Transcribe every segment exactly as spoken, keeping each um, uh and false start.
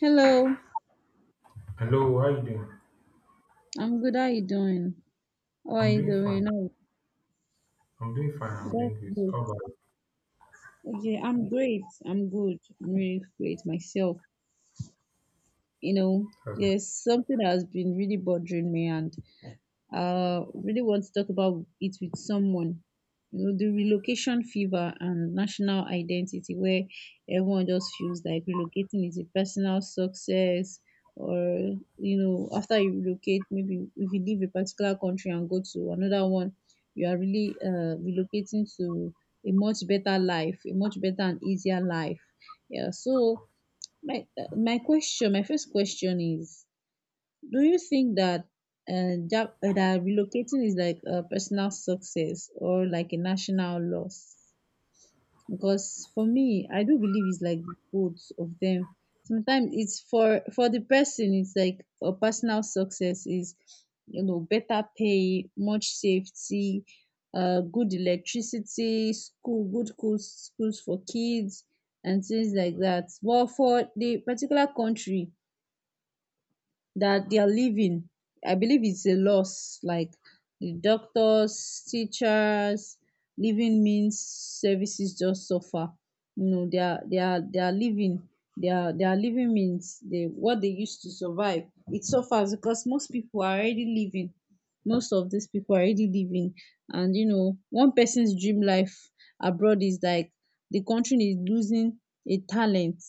Hello, Hello, how you doing? I'm good. How you doing? How are I'm you doing fine. doing? Oh, I'm doing fine. I'm that's doing good. good. How about Okay, I'm great. I'm good. I'm really great myself. You know, yourself? there's something that has been really bothering me, and I really want to talk about it with someone. You know, the relocation fever and national identity, where everyone just feels like relocating is a personal success. Or, you know, after you relocate, maybe if you leave a particular country and go to another one, you are really uh, relocating to a much better life, a much better and easier life. Yeah. So, my, uh, my question, my first question is, do you think that uh, job, uh, that relocating is like a personal success or like a national loss? Because for me, I do believe it's like both of them. Sometimes it's for for the person, it's like a personal success is, you know, better pay, much safety, uh, good electricity, school, good schools, schools for kids, and things like that. But for the particular country that they are living. I believe it's a loss. Like the doctors, teachers, living means services just suffer. You know, they are they are they are living. They are, they are living means they what they used to survive. It suffers because most people are already living. Most of these people are already living, and you know, one person's dream life abroad is like the country is losing a talent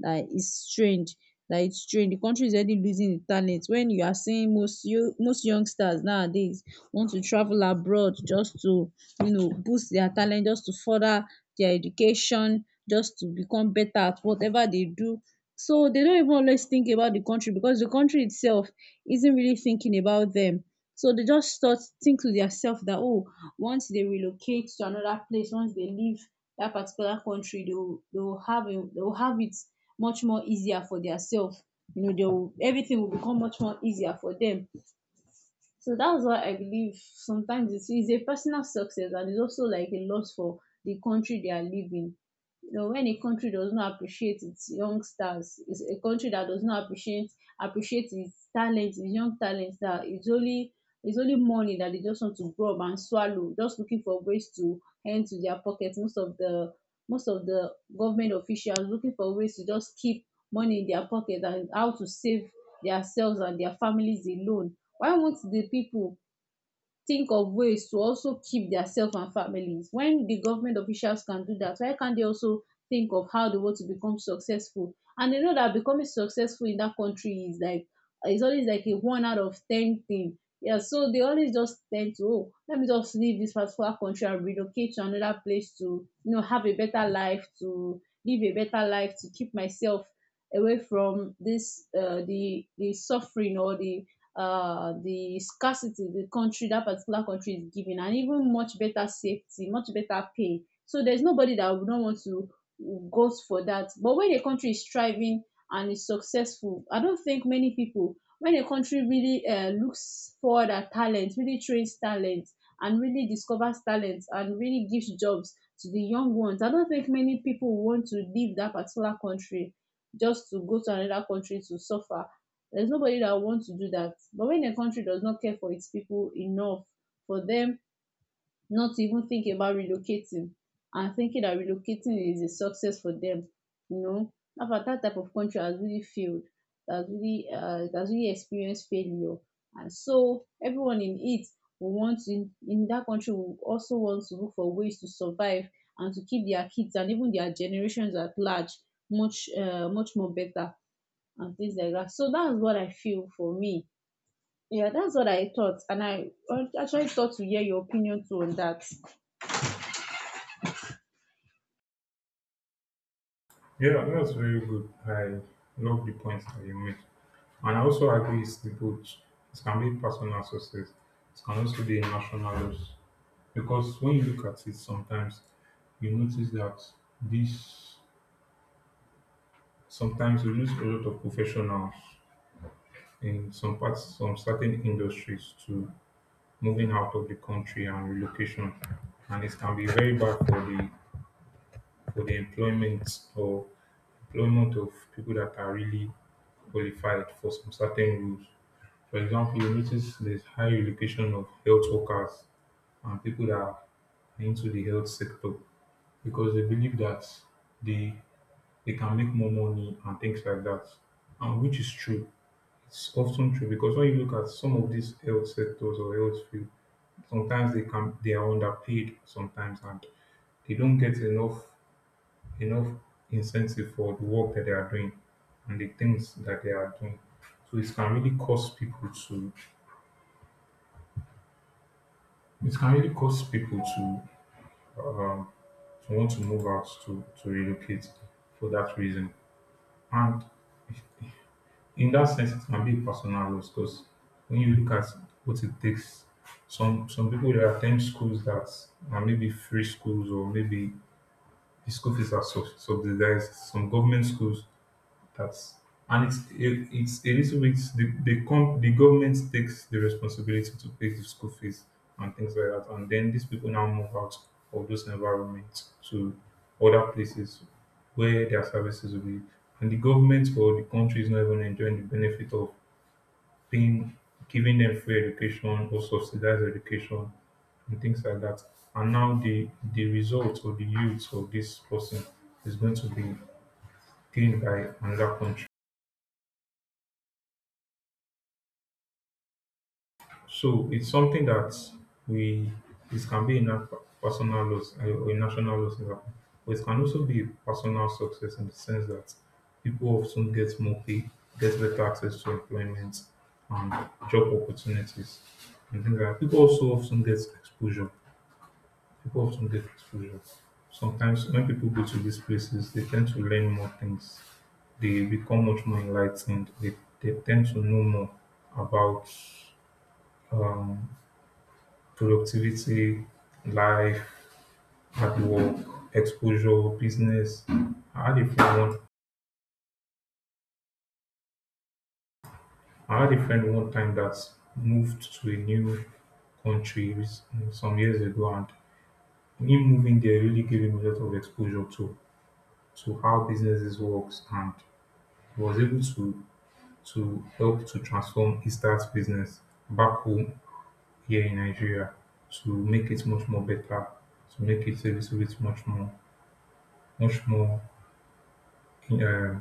that is strange that it's strange. The country is already losing the talent. When you are seeing most you most youngsters nowadays want to travel abroad just to, you know, boost their talent, just to further their education, just to become better at whatever they do. So they don't even always think about the country because the country itself isn't really thinking about them. So they just start think to themselves that oh, once they relocate to another place, once they leave that particular country, they will, they will have a, they will have it much more easier for their, you know, they will, everything will become much more easier for them, so that's why I believe sometimes it's, it's a personal success and it's also like a loss for the country they are living. You know, when a country does not appreciate its youngsters, it's a country that does not appreciate appreciate its talent, its young talent, that it's only it's only money that they just want to grab and swallow, just looking for ways to hand to their pockets. Most of the most of the government officials looking for ways to just keep money in their pocket and how to save themselves and their families alone. Why won't the people think of ways to also keep their self and families? When the government officials can do that, why can't they also think of how they want to become successful? And they know that becoming successful in that country is like it's always like a one out of ten thing. Yeah, so they always just tend to, oh, let me just leave this particular country and relocate to another place to, you know, have a better life, to live a better life, to keep myself away from this uh, the the suffering or the uh, the scarcity the country, that particular country, is giving, and even much better safety, much better pay, so there's nobody that would not want to go for that. But when a country is thriving and is successful, I don't think many people, when a country really uh, looks forward at talent, really trains talent and really discovers talent and really gives jobs to the young ones, I don't think many people want to leave that particular country just to go to another country to suffer. There's nobody that wants to do that. But when a country does not care for its people enough for them not to even think about relocating, and thinking that relocating is a success for them, you know, that that type of country has really failed, has really uh, has really experienced failure. And so everyone in it will want to, in, in that country will also want to look for ways to survive and to keep their kids and even their generations at large much uh, much more better and things like that. So that's what I feel for me. Yeah, that's what I thought, and I actually thought to hear your opinion too on that. Yeah, that's very good. I love the points that you made. And I also agree it's the both. It can be personal success. It can also be a national loss. Because when you look at it sometimes, you notice that this sometimes we lose a lot of professionals in some parts, some certain industries to moving out of the country and relocation. And it can be very bad for the for the employment or employment of people that are really qualified for some certain rules. For example, you notice there's high relocation of health workers and people that are into the health sector because they believe that they they can make more money and things like that. And which is true. It's often true because when you look at some of these health sectors or health field, sometimes they can they are underpaid sometimes and they don't get enough enough incentive for the work that they are doing and the things that they are doing. So it can really cause people to it can really cause people to, to want to move out to, to relocate for that reason. And in that sense it can be a personal loss because when you look at what it takes some some people they attend schools that are maybe free schools or maybe the school fees are sub- subsidized. Some government schools. That's and it's it, it's a little bit the the, com- the government takes the responsibility to pay the school fees and things like that, and then these people now move out of those environments to other places where their services will be, and the government or the country is not even enjoying the benefit of paying, giving them free education or subsidized education and things like that. And now the the result or the youth of this person is going to be gained by another country. So it's something that we This can be in a personal loss, uh, or a national loss, in Japan. But it can also be a personal success in the sense that people often get more pay, get better access to employment and job opportunities, and things like that. People also often get exposure. People often get exposure. Sometimes when people go to these places, they tend to learn more things. They become much more enlightened. They, they tend to know more about um, productivity, life, hard work, exposure, business. I had a friend one I had a friend one time that moved to a new country with- some years ago, and him moving there really gave him a lot of exposure to to how businesses works, and he was able to to help to transform his dad's business back home here in Nigeria, to make it much more better, to make it a little bit much more much more Uh,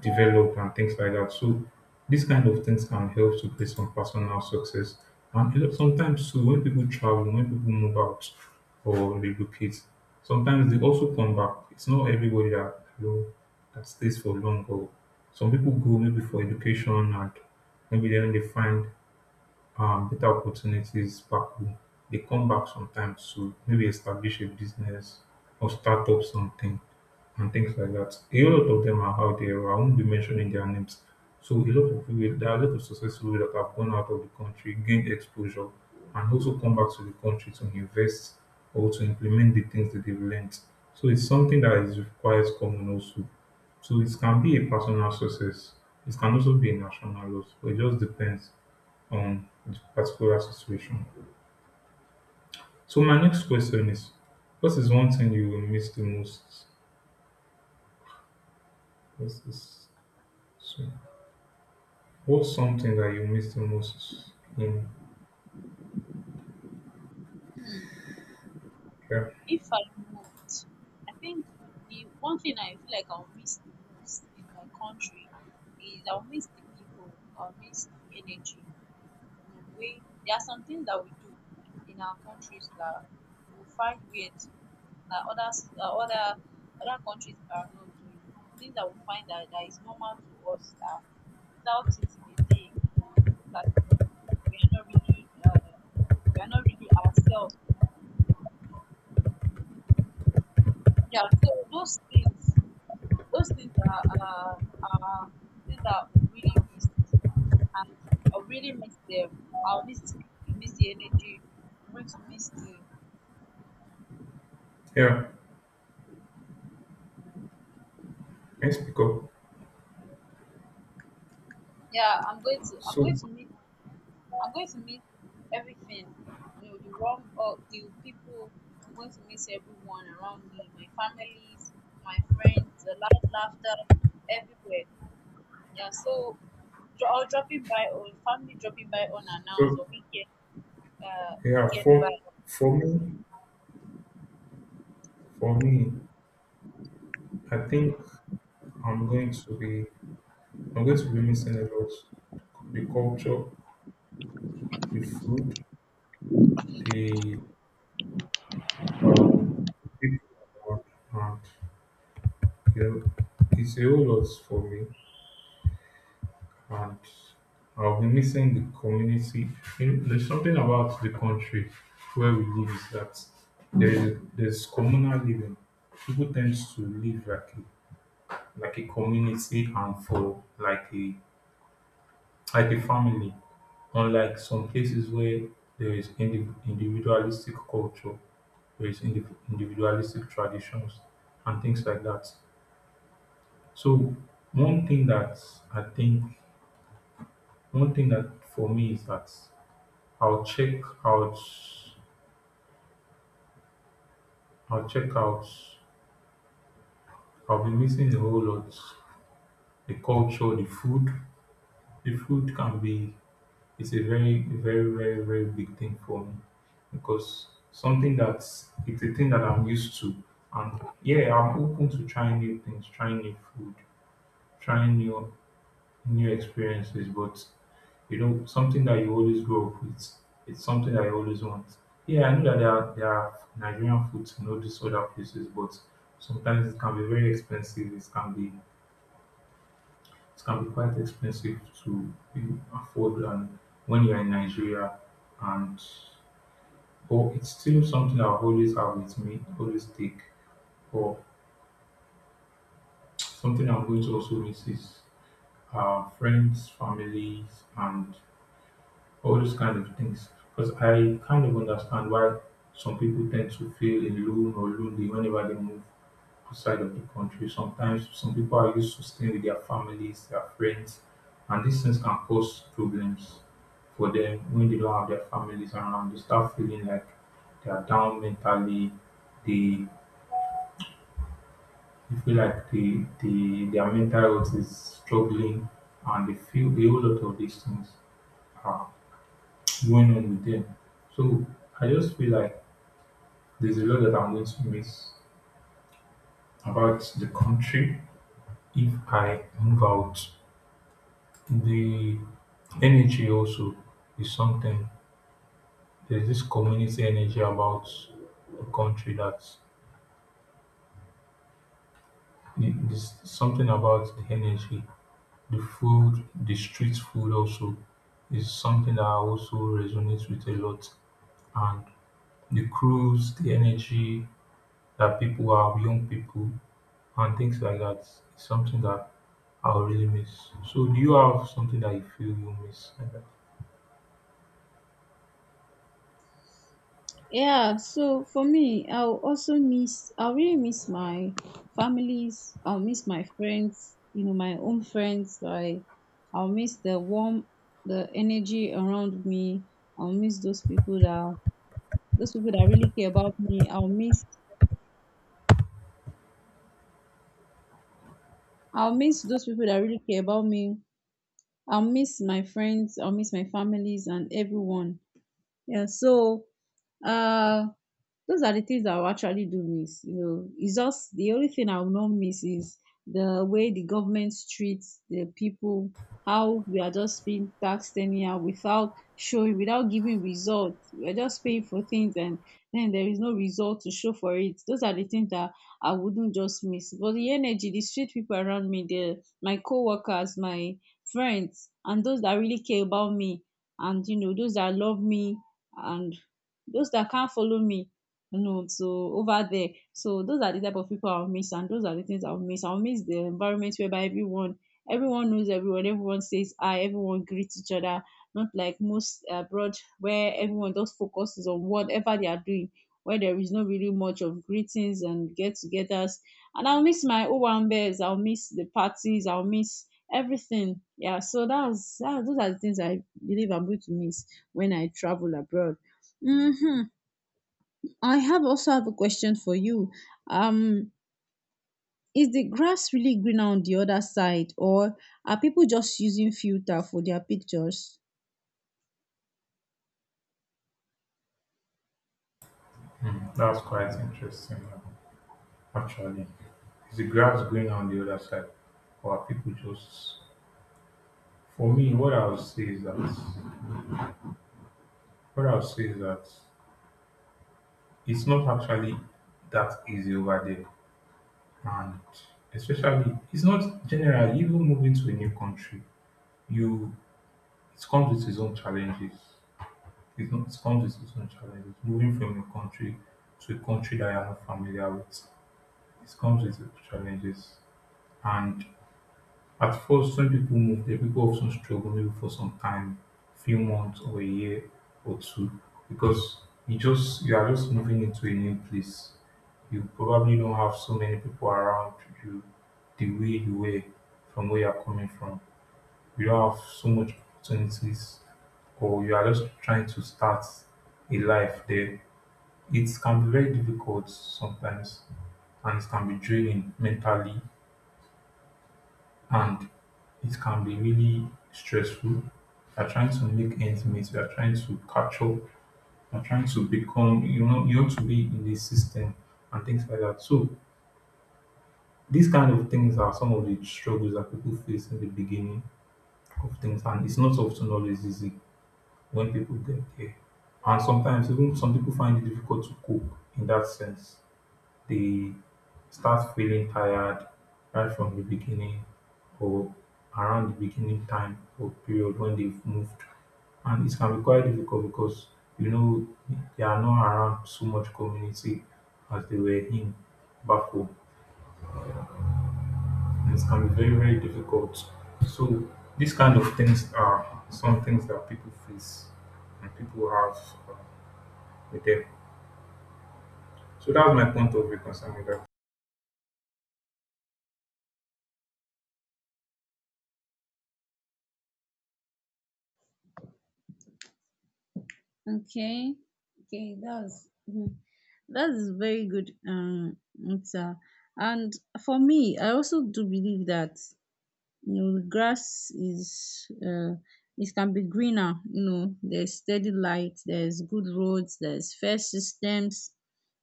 develop and things like that. So these kind of things can help to create some personal success. And a lot- sometimes too, when people travel, when people move out or relocate, sometimes they also come back. It's not everybody that, you know, that stays for long. Or some people go maybe for education and maybe then they find um, better opportunities back home. They come back sometimes, so maybe establish a business or start up something and things like that. A lot of them are out there. I won't be mentioning their names. So a lot of people, there are a lot of successful people that have gone out of the country, gained exposure, and also come back to the country to invest or to implement the things that they've learned. So it's something that is requires common also. So it can be a personal success. It can also be a national loss. But it just depends on the particular situation. So my next question is, what is one thing you will miss the most? What's this? So, what's something that you miss the most? In Hmm. yeah, If I moved, I think the one thing I feel like I'll miss the most in my country is I'll miss the people. Um, we are not really ourselves. Uh, Things that we really miss, and I really miss them. I'll miss the people, miss the energy. I'm going to miss the, yeah. Can speak up? yeah. I'm going to I'm going So, to miss, I'm going to miss everything. You know the, or do people, miss everyone around me, my families, my friends, the loud laughter everywhere. Yeah, so dro- or dropping by, or family dropping by unannounced, so or weekend uh yeah. weekend by. For for me, for me, I think I'm going to be I'm going to be missing a lot. The culture, the food, the uh, the people around, and you know, it's a whole lot for me. And I'll be missing the community. You know, there's something about the country where we live is that there is there's communal living. People tend to live like a, like a community and for like a like a family, unlike some places where there is indiv- individualistic culture, there is indiv- individualistic traditions and things like that. So one thing that I think, one thing that for me is that I'll check out I'll check out. I'll be missing a whole lot. The culture, the food. The food can be it's a very, very, very, very big thing for me because something that's it's a thing that I'm used to. And yeah, I'm open to trying new things, trying new food, trying new new experiences, but you know, something that you always grow up with. It's something that you always want. Yeah, I know that there are, there are Nigerian foods in all these other places, but sometimes it can be very expensive. It can be it can be quite expensive to, you know, afford. And when you're in Nigeria, and but it's still something I always have with me, always take. But something I'm going to also miss is uh, friends, families, and all those kind of things. Because I kind of understand why some people tend to feel alone or lonely whenever they move outside of the country. Sometimes some people are used to staying with their families, their friends, and these things can cause problems for them when they don't have their families around. They start feeling like they are down mentally. They, they feel like they, they, their mental health is struggling, and they feel a whole lot of these things. Ah, going on with them. So I just feel like there's a lot that I'm going to miss about the country if I move out. The energy also is something. There's this community energy about the country that there's something about the energy, the food, the street food also is something that I also resonates with a lot. And the crews, the energy that people have, young people, and things like that is something that I'll really miss. So do you have something that you feel you miss like that? Yeah, so for me, I'll also miss, I'll really miss my families. I'll miss my friends, you know, my own friends. Like, I'll miss the warm, the energy around me. I'll miss those people that, those people that really care about me. I'll miss I'll miss those people that really care about me. I'll miss my friends. I'll miss my families and everyone. Yeah. So uh, those are the things that I will actually do miss. You know, it's just the only thing I will not miss is the way the government treats the people, how we are just being taxed anyhow without showing, without giving results. We're just paying for things and then there is no result to show for it. Those are the things that I wouldn't just miss. But the energy, the street people around me, the my co-workers, my friends, and those that really care about me, and you know, those that love me, and those that can't follow me, you know, so over there. So those are the type of people I'll miss, and those are the things I'll miss. I'll miss the environment whereby everyone everyone knows everyone, everyone says hi, everyone greets each other, not like most abroad where everyone just focuses on whatever they are doing, where there is not really much of greetings and get-togethers. And I'll miss my owambes, I'll miss the parties, I'll miss everything. Yeah, so that's, that's those are the things I believe I'm going to miss when I travel abroad. Mm-hmm. I have also have a question for you. Um, is the grass really greener on the other side, or are people just using filter for their pictures? Hmm, that's quite interesting, uh, actually. Is the grass green on the other side, or are people just? For me, what I would say is that what I would say is that it's not actually that easy over there, and especially it's not generally even moving to a new country. You It comes with its own challenges. It's not. It comes with its own challenges. Moving from your country to a country that you're not familiar with, it comes with its challenges. And at first, when people move there, people often struggle maybe for some time, few months or a year or two, because you just you are just moving into a new place. You probably don't have so many people around you the way you were from where you're coming from. You don't have so much opportunities, or you are just trying to start a life there. It can be very difficult sometimes, and it can be draining mentally, and it can be really stressful. You're trying to make ends meet, you're trying to catch up, you're trying to become, you know, you want to be in the system and things like that. So these kind of things are some of the struggles that people face in the beginning of things, and it's not often always easy when people get there. And sometimes even some people find it difficult to cope in that sense. They start feeling tired right from the beginning or around the beginning time or period when they've moved. And it can be quite difficult because you know they are not around so much community as they were in back home. And it can be very, very difficult. So these kind of things are some things that people face and people have, uh, with them. So that's my point of view concerning that. Okay, okay, that's mhm. That is very good um answer. And for me, I also do believe that, you know, grass is uh it can be greener. You know, there's steady light, there's good roads, there's fair systems,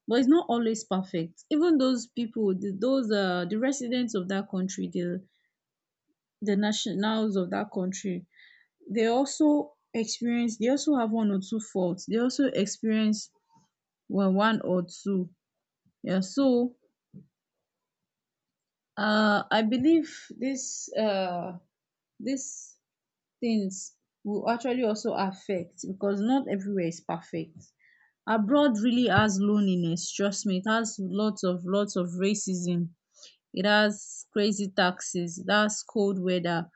but it's not always perfect. Even those people, the, those uh the residents of that country, the the nationals of that country, they also experience, they also have one or two faults, they also experience, well, one or two, yeah. So uh I believe this uh this things will actually also affect because not everywhere is perfect. Abroad really has loneliness, trust me. It has lots of lots of racism. It has crazy taxes. It has cold weather.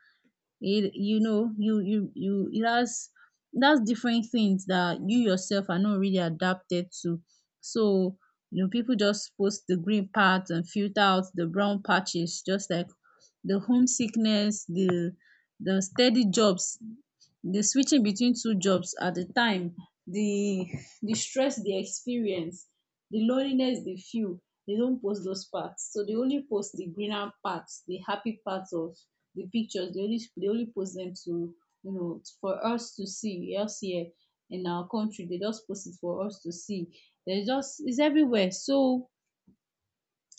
It, you know, you you you it has, it has different things that you yourself are not really adapted to. So you know, people just post the green parts and filter out the brown patches, just like the homesickness, the the steady jobs, the switching between two jobs at the time, the the stress they experience, the loneliness they feel, they don't post those parts. So they only post the greener parts, the happy parts of the pictures. They only they only post them to, you know, for us to see elsewhere in our country. They just post it for us to see. They just, it's everywhere. So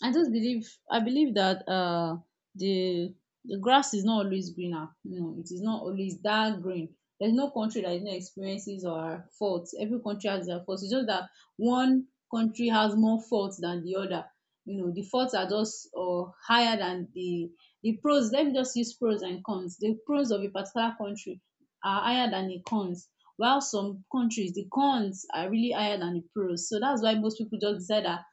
I just believe, I believe that uh the the grass is not always greener. You know, it is not always that green. There's no country that is not experiences or faults. Every country has their faults. It's just that one country has more faults than the other. You know, the faults are just uh, higher than the the pros. Let me just use pros and cons. The pros of a particular country are higher than the cons. While some countries, the cons are really higher than the pros. So that's why most people just decide that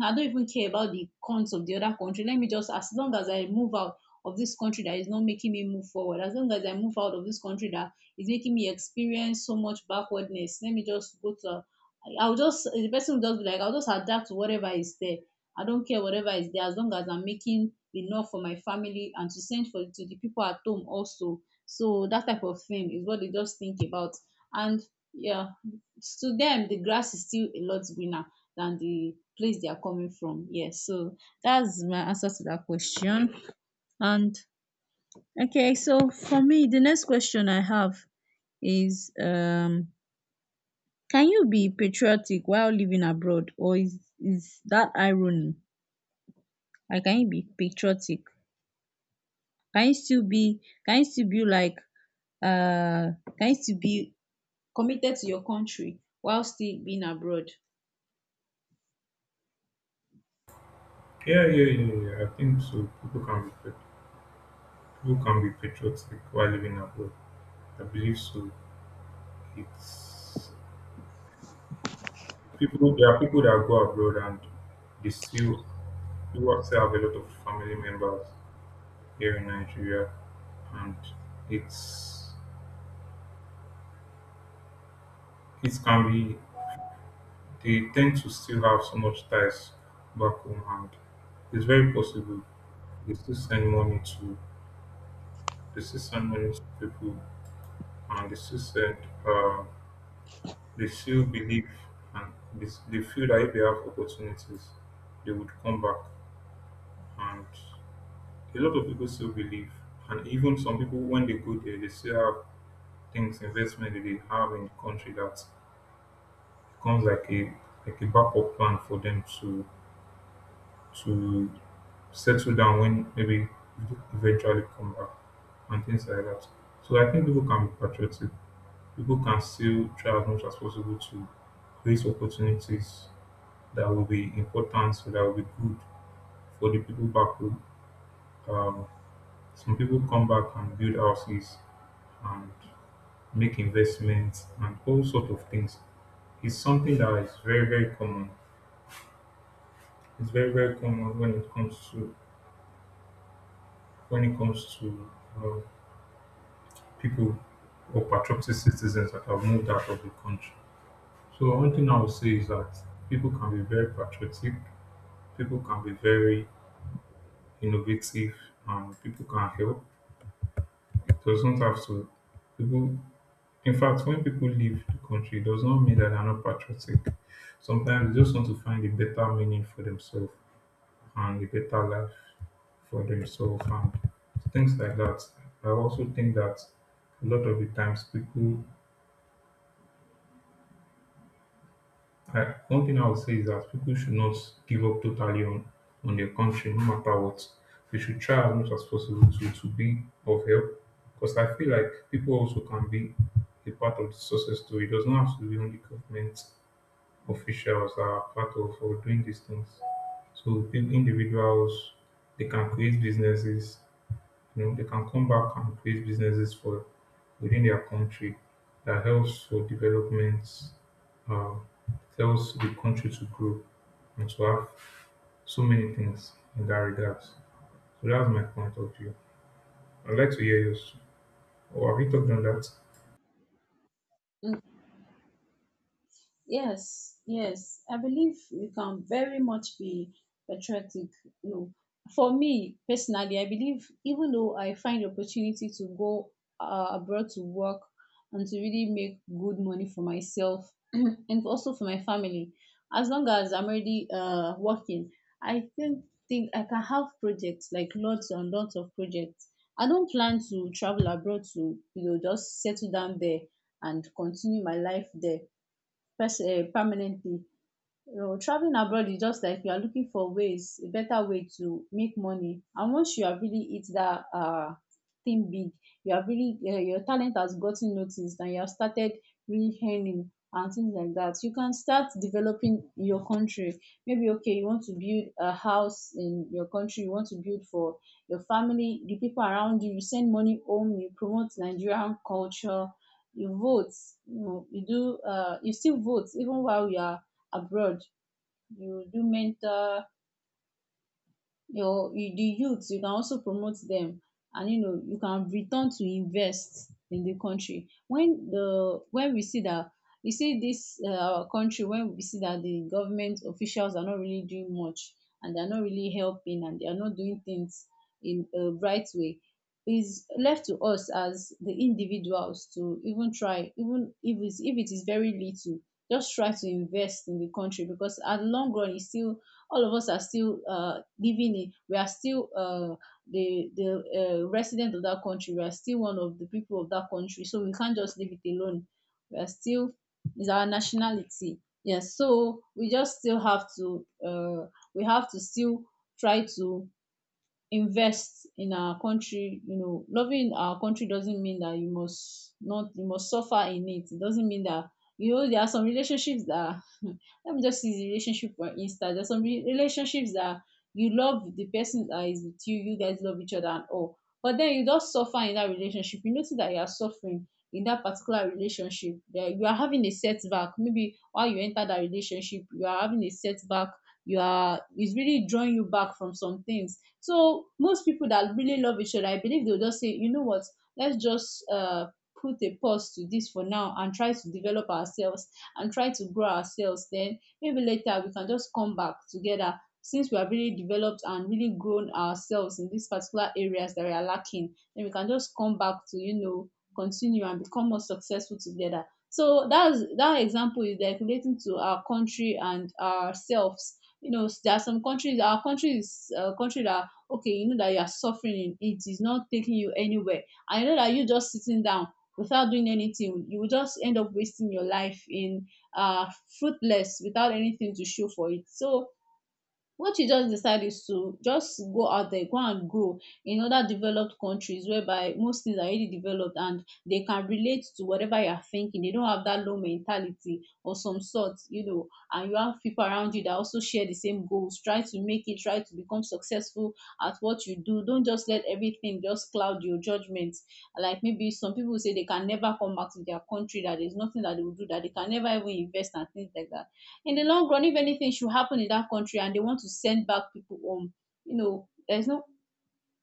I don't even care about the cons of the other country. Let me just, as long as I move out of this country that is not making me move forward, as long as I move out of this country that is making me experience so much backwardness, let me just go to, I'll just, the person will just be like, I'll just adapt to whatever is there. I don't care whatever is there, as long as I'm making enough for my family and to send for to the people at home also. So that type of thing is what they just think about. And yeah, to them, the grass is still a lot greener than the place they are coming from. Yes, so that's my answer to that question. And okay, so for me, the next question I have is um can you be patriotic while living abroad or is is that irony? Like can you be patriotic? Can you still be can you still be like uh can you still be committed to your country while still being abroad? Yeah, yeah, yeah, yeah. I think so. People can reflect. People can be patriotic while living abroad. I believe so. It's people. There are people that go abroad and they still people still have a lot of family members here in Nigeria, and it's it can be they tend to still have so much ties back home, and it's very possible they still send money to they still send money to people, and they still send. Um, They still believe and they they feel that if they have opportunities, they would come back. And a lot of people still believe. And even some people, when they go there, they still have things, investment that they have in the country that becomes like a like a backup plan for them to to settle down when maybe eventually come back and things like that. So I think people can be patriotic. People can still try as much as possible to create opportunities that will be important, so that will be good for the people back home. Um, some people come back and build houses and make investments and all sort of things. It's something that is very very common. It's very very common when it comes to when it comes to uh, people or patriotic citizens that have moved out of the country. So one thing I would say is that people can be very patriotic, people can be very innovative, and people can help. It does not have to people In fact, when people leave the country, it does not mean that they're not patriotic. Sometimes they just want to find a better meaning for themselves and a better life for themselves and things like that. I also think that a lot of the times people, I, one thing I would say is that people should not give up totally on, on their country, no matter what. They should try as much as possible to, to be of help because I feel like people also can be a part of the success story. It does not have to be only government officials are part of for doing these things. So pe- individuals they can create businesses, you know, they can come back and create businesses for within their country that helps for development, uh, helps the country to grow and to have so many things in that regard. So that's my point of view. I'd like to hear yours. Or have you talked on that? Yes, yes. I believe you can very much be patriotic. You know, for me personally, I believe even though I find the opportunity to go uh, abroad to work and to really make good money for myself and also for my family, as long as I'm already uh, working, I think think I can have projects like lots and lots of projects. I don't plan to travel abroad to you know just settle down there and continue my life there pers- uh, permanently. You know, traveling abroad is just like you are looking for ways a better way to make money, and once you have really hit that uh thing big, you have really um your talent has gotten noticed and you have started really earning and things like that, you can start developing your country. Maybe okay, you want to build a house in your country, you want to build for your family, the people around you, you send money home, you promote Nigerian culture, you vote. You know, you do uh you still vote even while you are abroad. You do mentor your you- the youth, you can also promote them. And you know, you can return to invest in the country when the when we see that you see this uh, our country when we see that the government officials are not really doing much and they are not really helping and they are not doing things in a right way, is left to us as the individuals to even try, even if it's, if it is very little, just try to invest in the country, because at long run it's still all of us are still uh, living in, we are still uh, the, the uh, resident of that country. We are still one of the people of that country. So we can't just leave it alone. We are still, it's our nationality. Yes. So we just still have to, uh, we have to still try to invest in our country. You know, loving our country doesn't mean that you must not you must suffer in it, it doesn't mean that, you know, there are some relationships that let me just use the relationship for instance. There's some re- relationships that you love the person that is with you, you guys love each other and all, but then you just suffer in that relationship. You notice that you are suffering in that particular relationship, that you are having a setback, maybe while you enter that relationship, you are having a setback, you are, it's really drawing you back from some things. So most people that really love each other, I believe they'll just say, you know what, let's just uh put a pause to this for now and try to develop ourselves and try to grow ourselves. Then maybe later we can just come back together since we have really developed and really grown ourselves in these particular areas that we are lacking. Then we can just come back to, you know, continue and become more successful together. So that's that example is like relating to our country and ourselves. You know, there are some countries, our country is a country that, okay, you know that you are suffering in it. It is not taking you anywhere. I know that you just sitting down without doing anything, you will just end up wasting your life in uh fruitless without anything to show for it. So what you just decide is to just go out there, go and grow in other developed countries whereby most things are already developed, and they can relate to whatever you are thinking. They don't have that low mentality or some sort, you know, and you have people around you that also share the same goals. Try to make it, try to become successful at what you do. Don't just let everything just cloud your judgment. Like maybe some people say they can never come back to their country, that there's nothing that they will do, that they can never even invest and things like that. In the long run, if anything should happen in that country and they want to send back people home, you know, there's no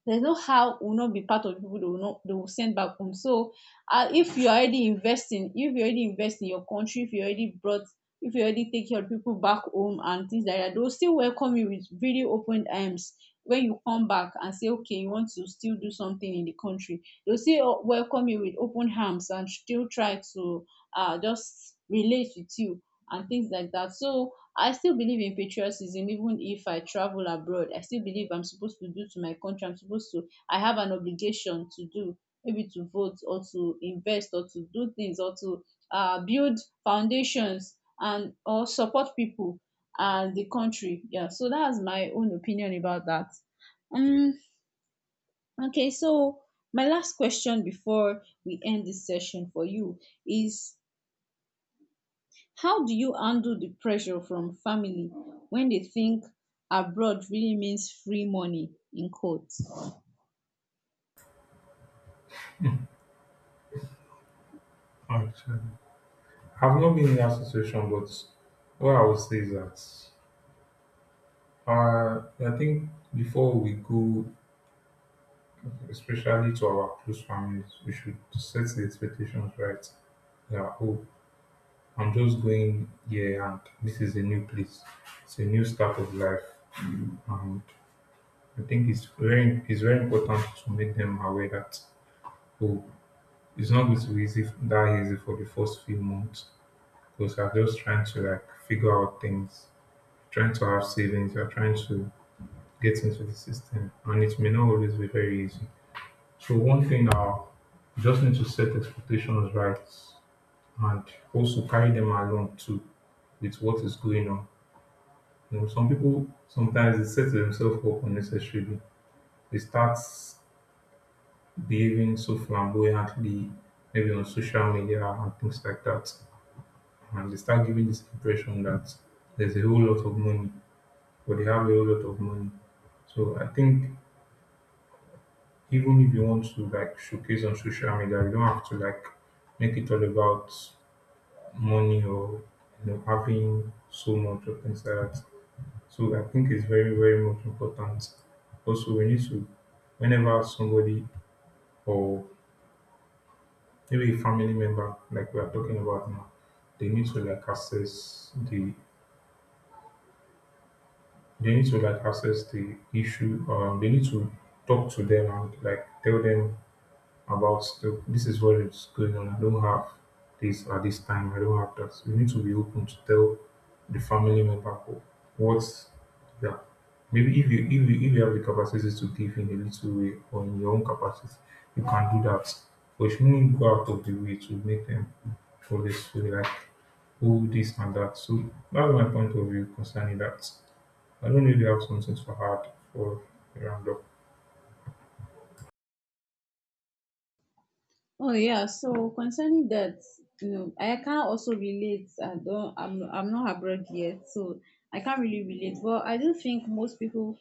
there's no how we will not be part of the people they will not they will send back home. So uh, if you're already investing, if you already invest in your country, if you already brought if you already take your people back home and things like that, they'll still welcome you with really open arms when you come back and say, okay, you want to still do something in the country. They'll still uh, welcome you with open arms and still try to uh, just relate with you and things like that. So I still believe in patriotism even if I travel abroad. I still believe I'm supposed to do to my country. I'm supposed to, I have an obligation to do, maybe to vote or to invest or to do things or to uh, build foundations and or support people and the country. Yeah, so that's my own opinion about that. Um, okay, so my last question before we end this session for you is, how do you handle the pressure from family when they think abroad really means free money in quote? Actually, I've not been in that situation, but what I would say is that Uh, I think before we go, especially to our close families, we should set the expectations right. Yeah, oh, I'm just going here, and this is a new place. It's a new start of life, and I think it's very it's very important to make them aware that oh, it's not going to be easy that easy for the first few months because I are just trying to like figure out things, trying to have savings, you're trying to get into the system, and it may not always be very easy. So one thing now, you just need to set expectations right and also carry them along too with what is going on. You know, some people sometimes they set themselves up unnecessarily. They start behaving so flamboyantly, maybe on social media and things like that. And they start giving this impression that there's a whole lot of money or they have a whole lot of money. So I think even if you want to like showcase on social media, you don't have to like make it all about money or you know having so much or things like that. So I think it's very, very much important. Also, we need to, whenever somebody or maybe a family member, like we are talking about now, they need to like assess the, they need to like assess the issue. Um, they need to talk to them and like tell them about stuff. This is what is going on. I don't have this at this time. I don't have that. You need to be open to tell the family member what. Yeah. Maybe if you if you if you have the capacity to give in a little way or in your own capacity, you can do that. But you shouldn't go out of the way to make them for this feel like oh this and that. So that's my point of view concerning that. I don't know if you have something to add for the roundup. Oh yeah, so concerning that, you know, I can't also relate. I don't. I'm. I'm not abroad yet, so I can't really relate. But I do think most people,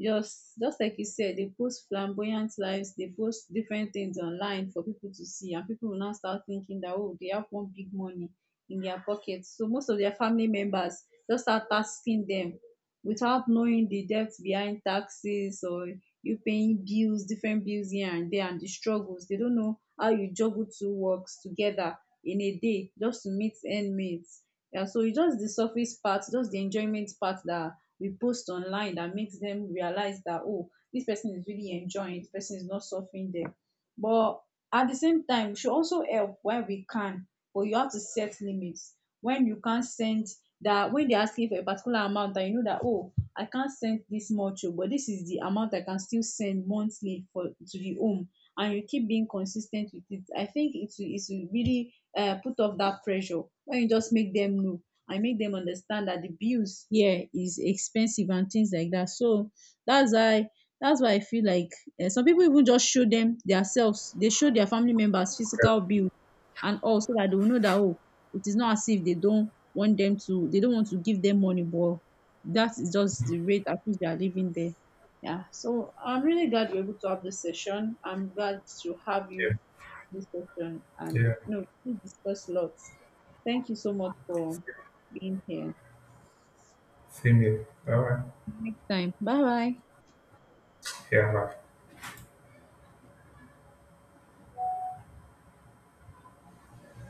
just just like you said, they post flamboyant lives. They post different things online for people to see, and people will now start thinking that oh, they have one big money in their pocket. So most of their family members just start tasking them without knowing the depth behind taxes or you paying bills, different bills here and there, and the struggles. They don't know how you juggle two works together in a day just to meet end mates. Yeah, so it's just the surface part, just the enjoyment part that we post online that makes them realize that oh, this person is really enjoying, this person is not suffering there. But at the same time, we should also help where we can, but you have to set limits when you can't send that, when they're asking for a particular amount and you know that oh, I can't send this much, oh, but this is the amount I can still send monthly for to the home, and you keep being consistent with it. I think it will it will really uh, put off that pressure when you just make them know and make them understand that the bills here is expensive and things like that. So that's why that's why I feel like uh, some people even just show them themselves, they show their family members Yeah, physical bill and all, so that they will know that oh, it is not as if they don't want them to they don't want to give them money, but that is just the rate at which they are living there. Yeah, so I'm really glad we're able to have this session. I'm glad to have yeah, you this session, and yeah. you know, we discussed lots. Thank you so much for being here. Same here. Bye. Next time, bye bye. Yeah,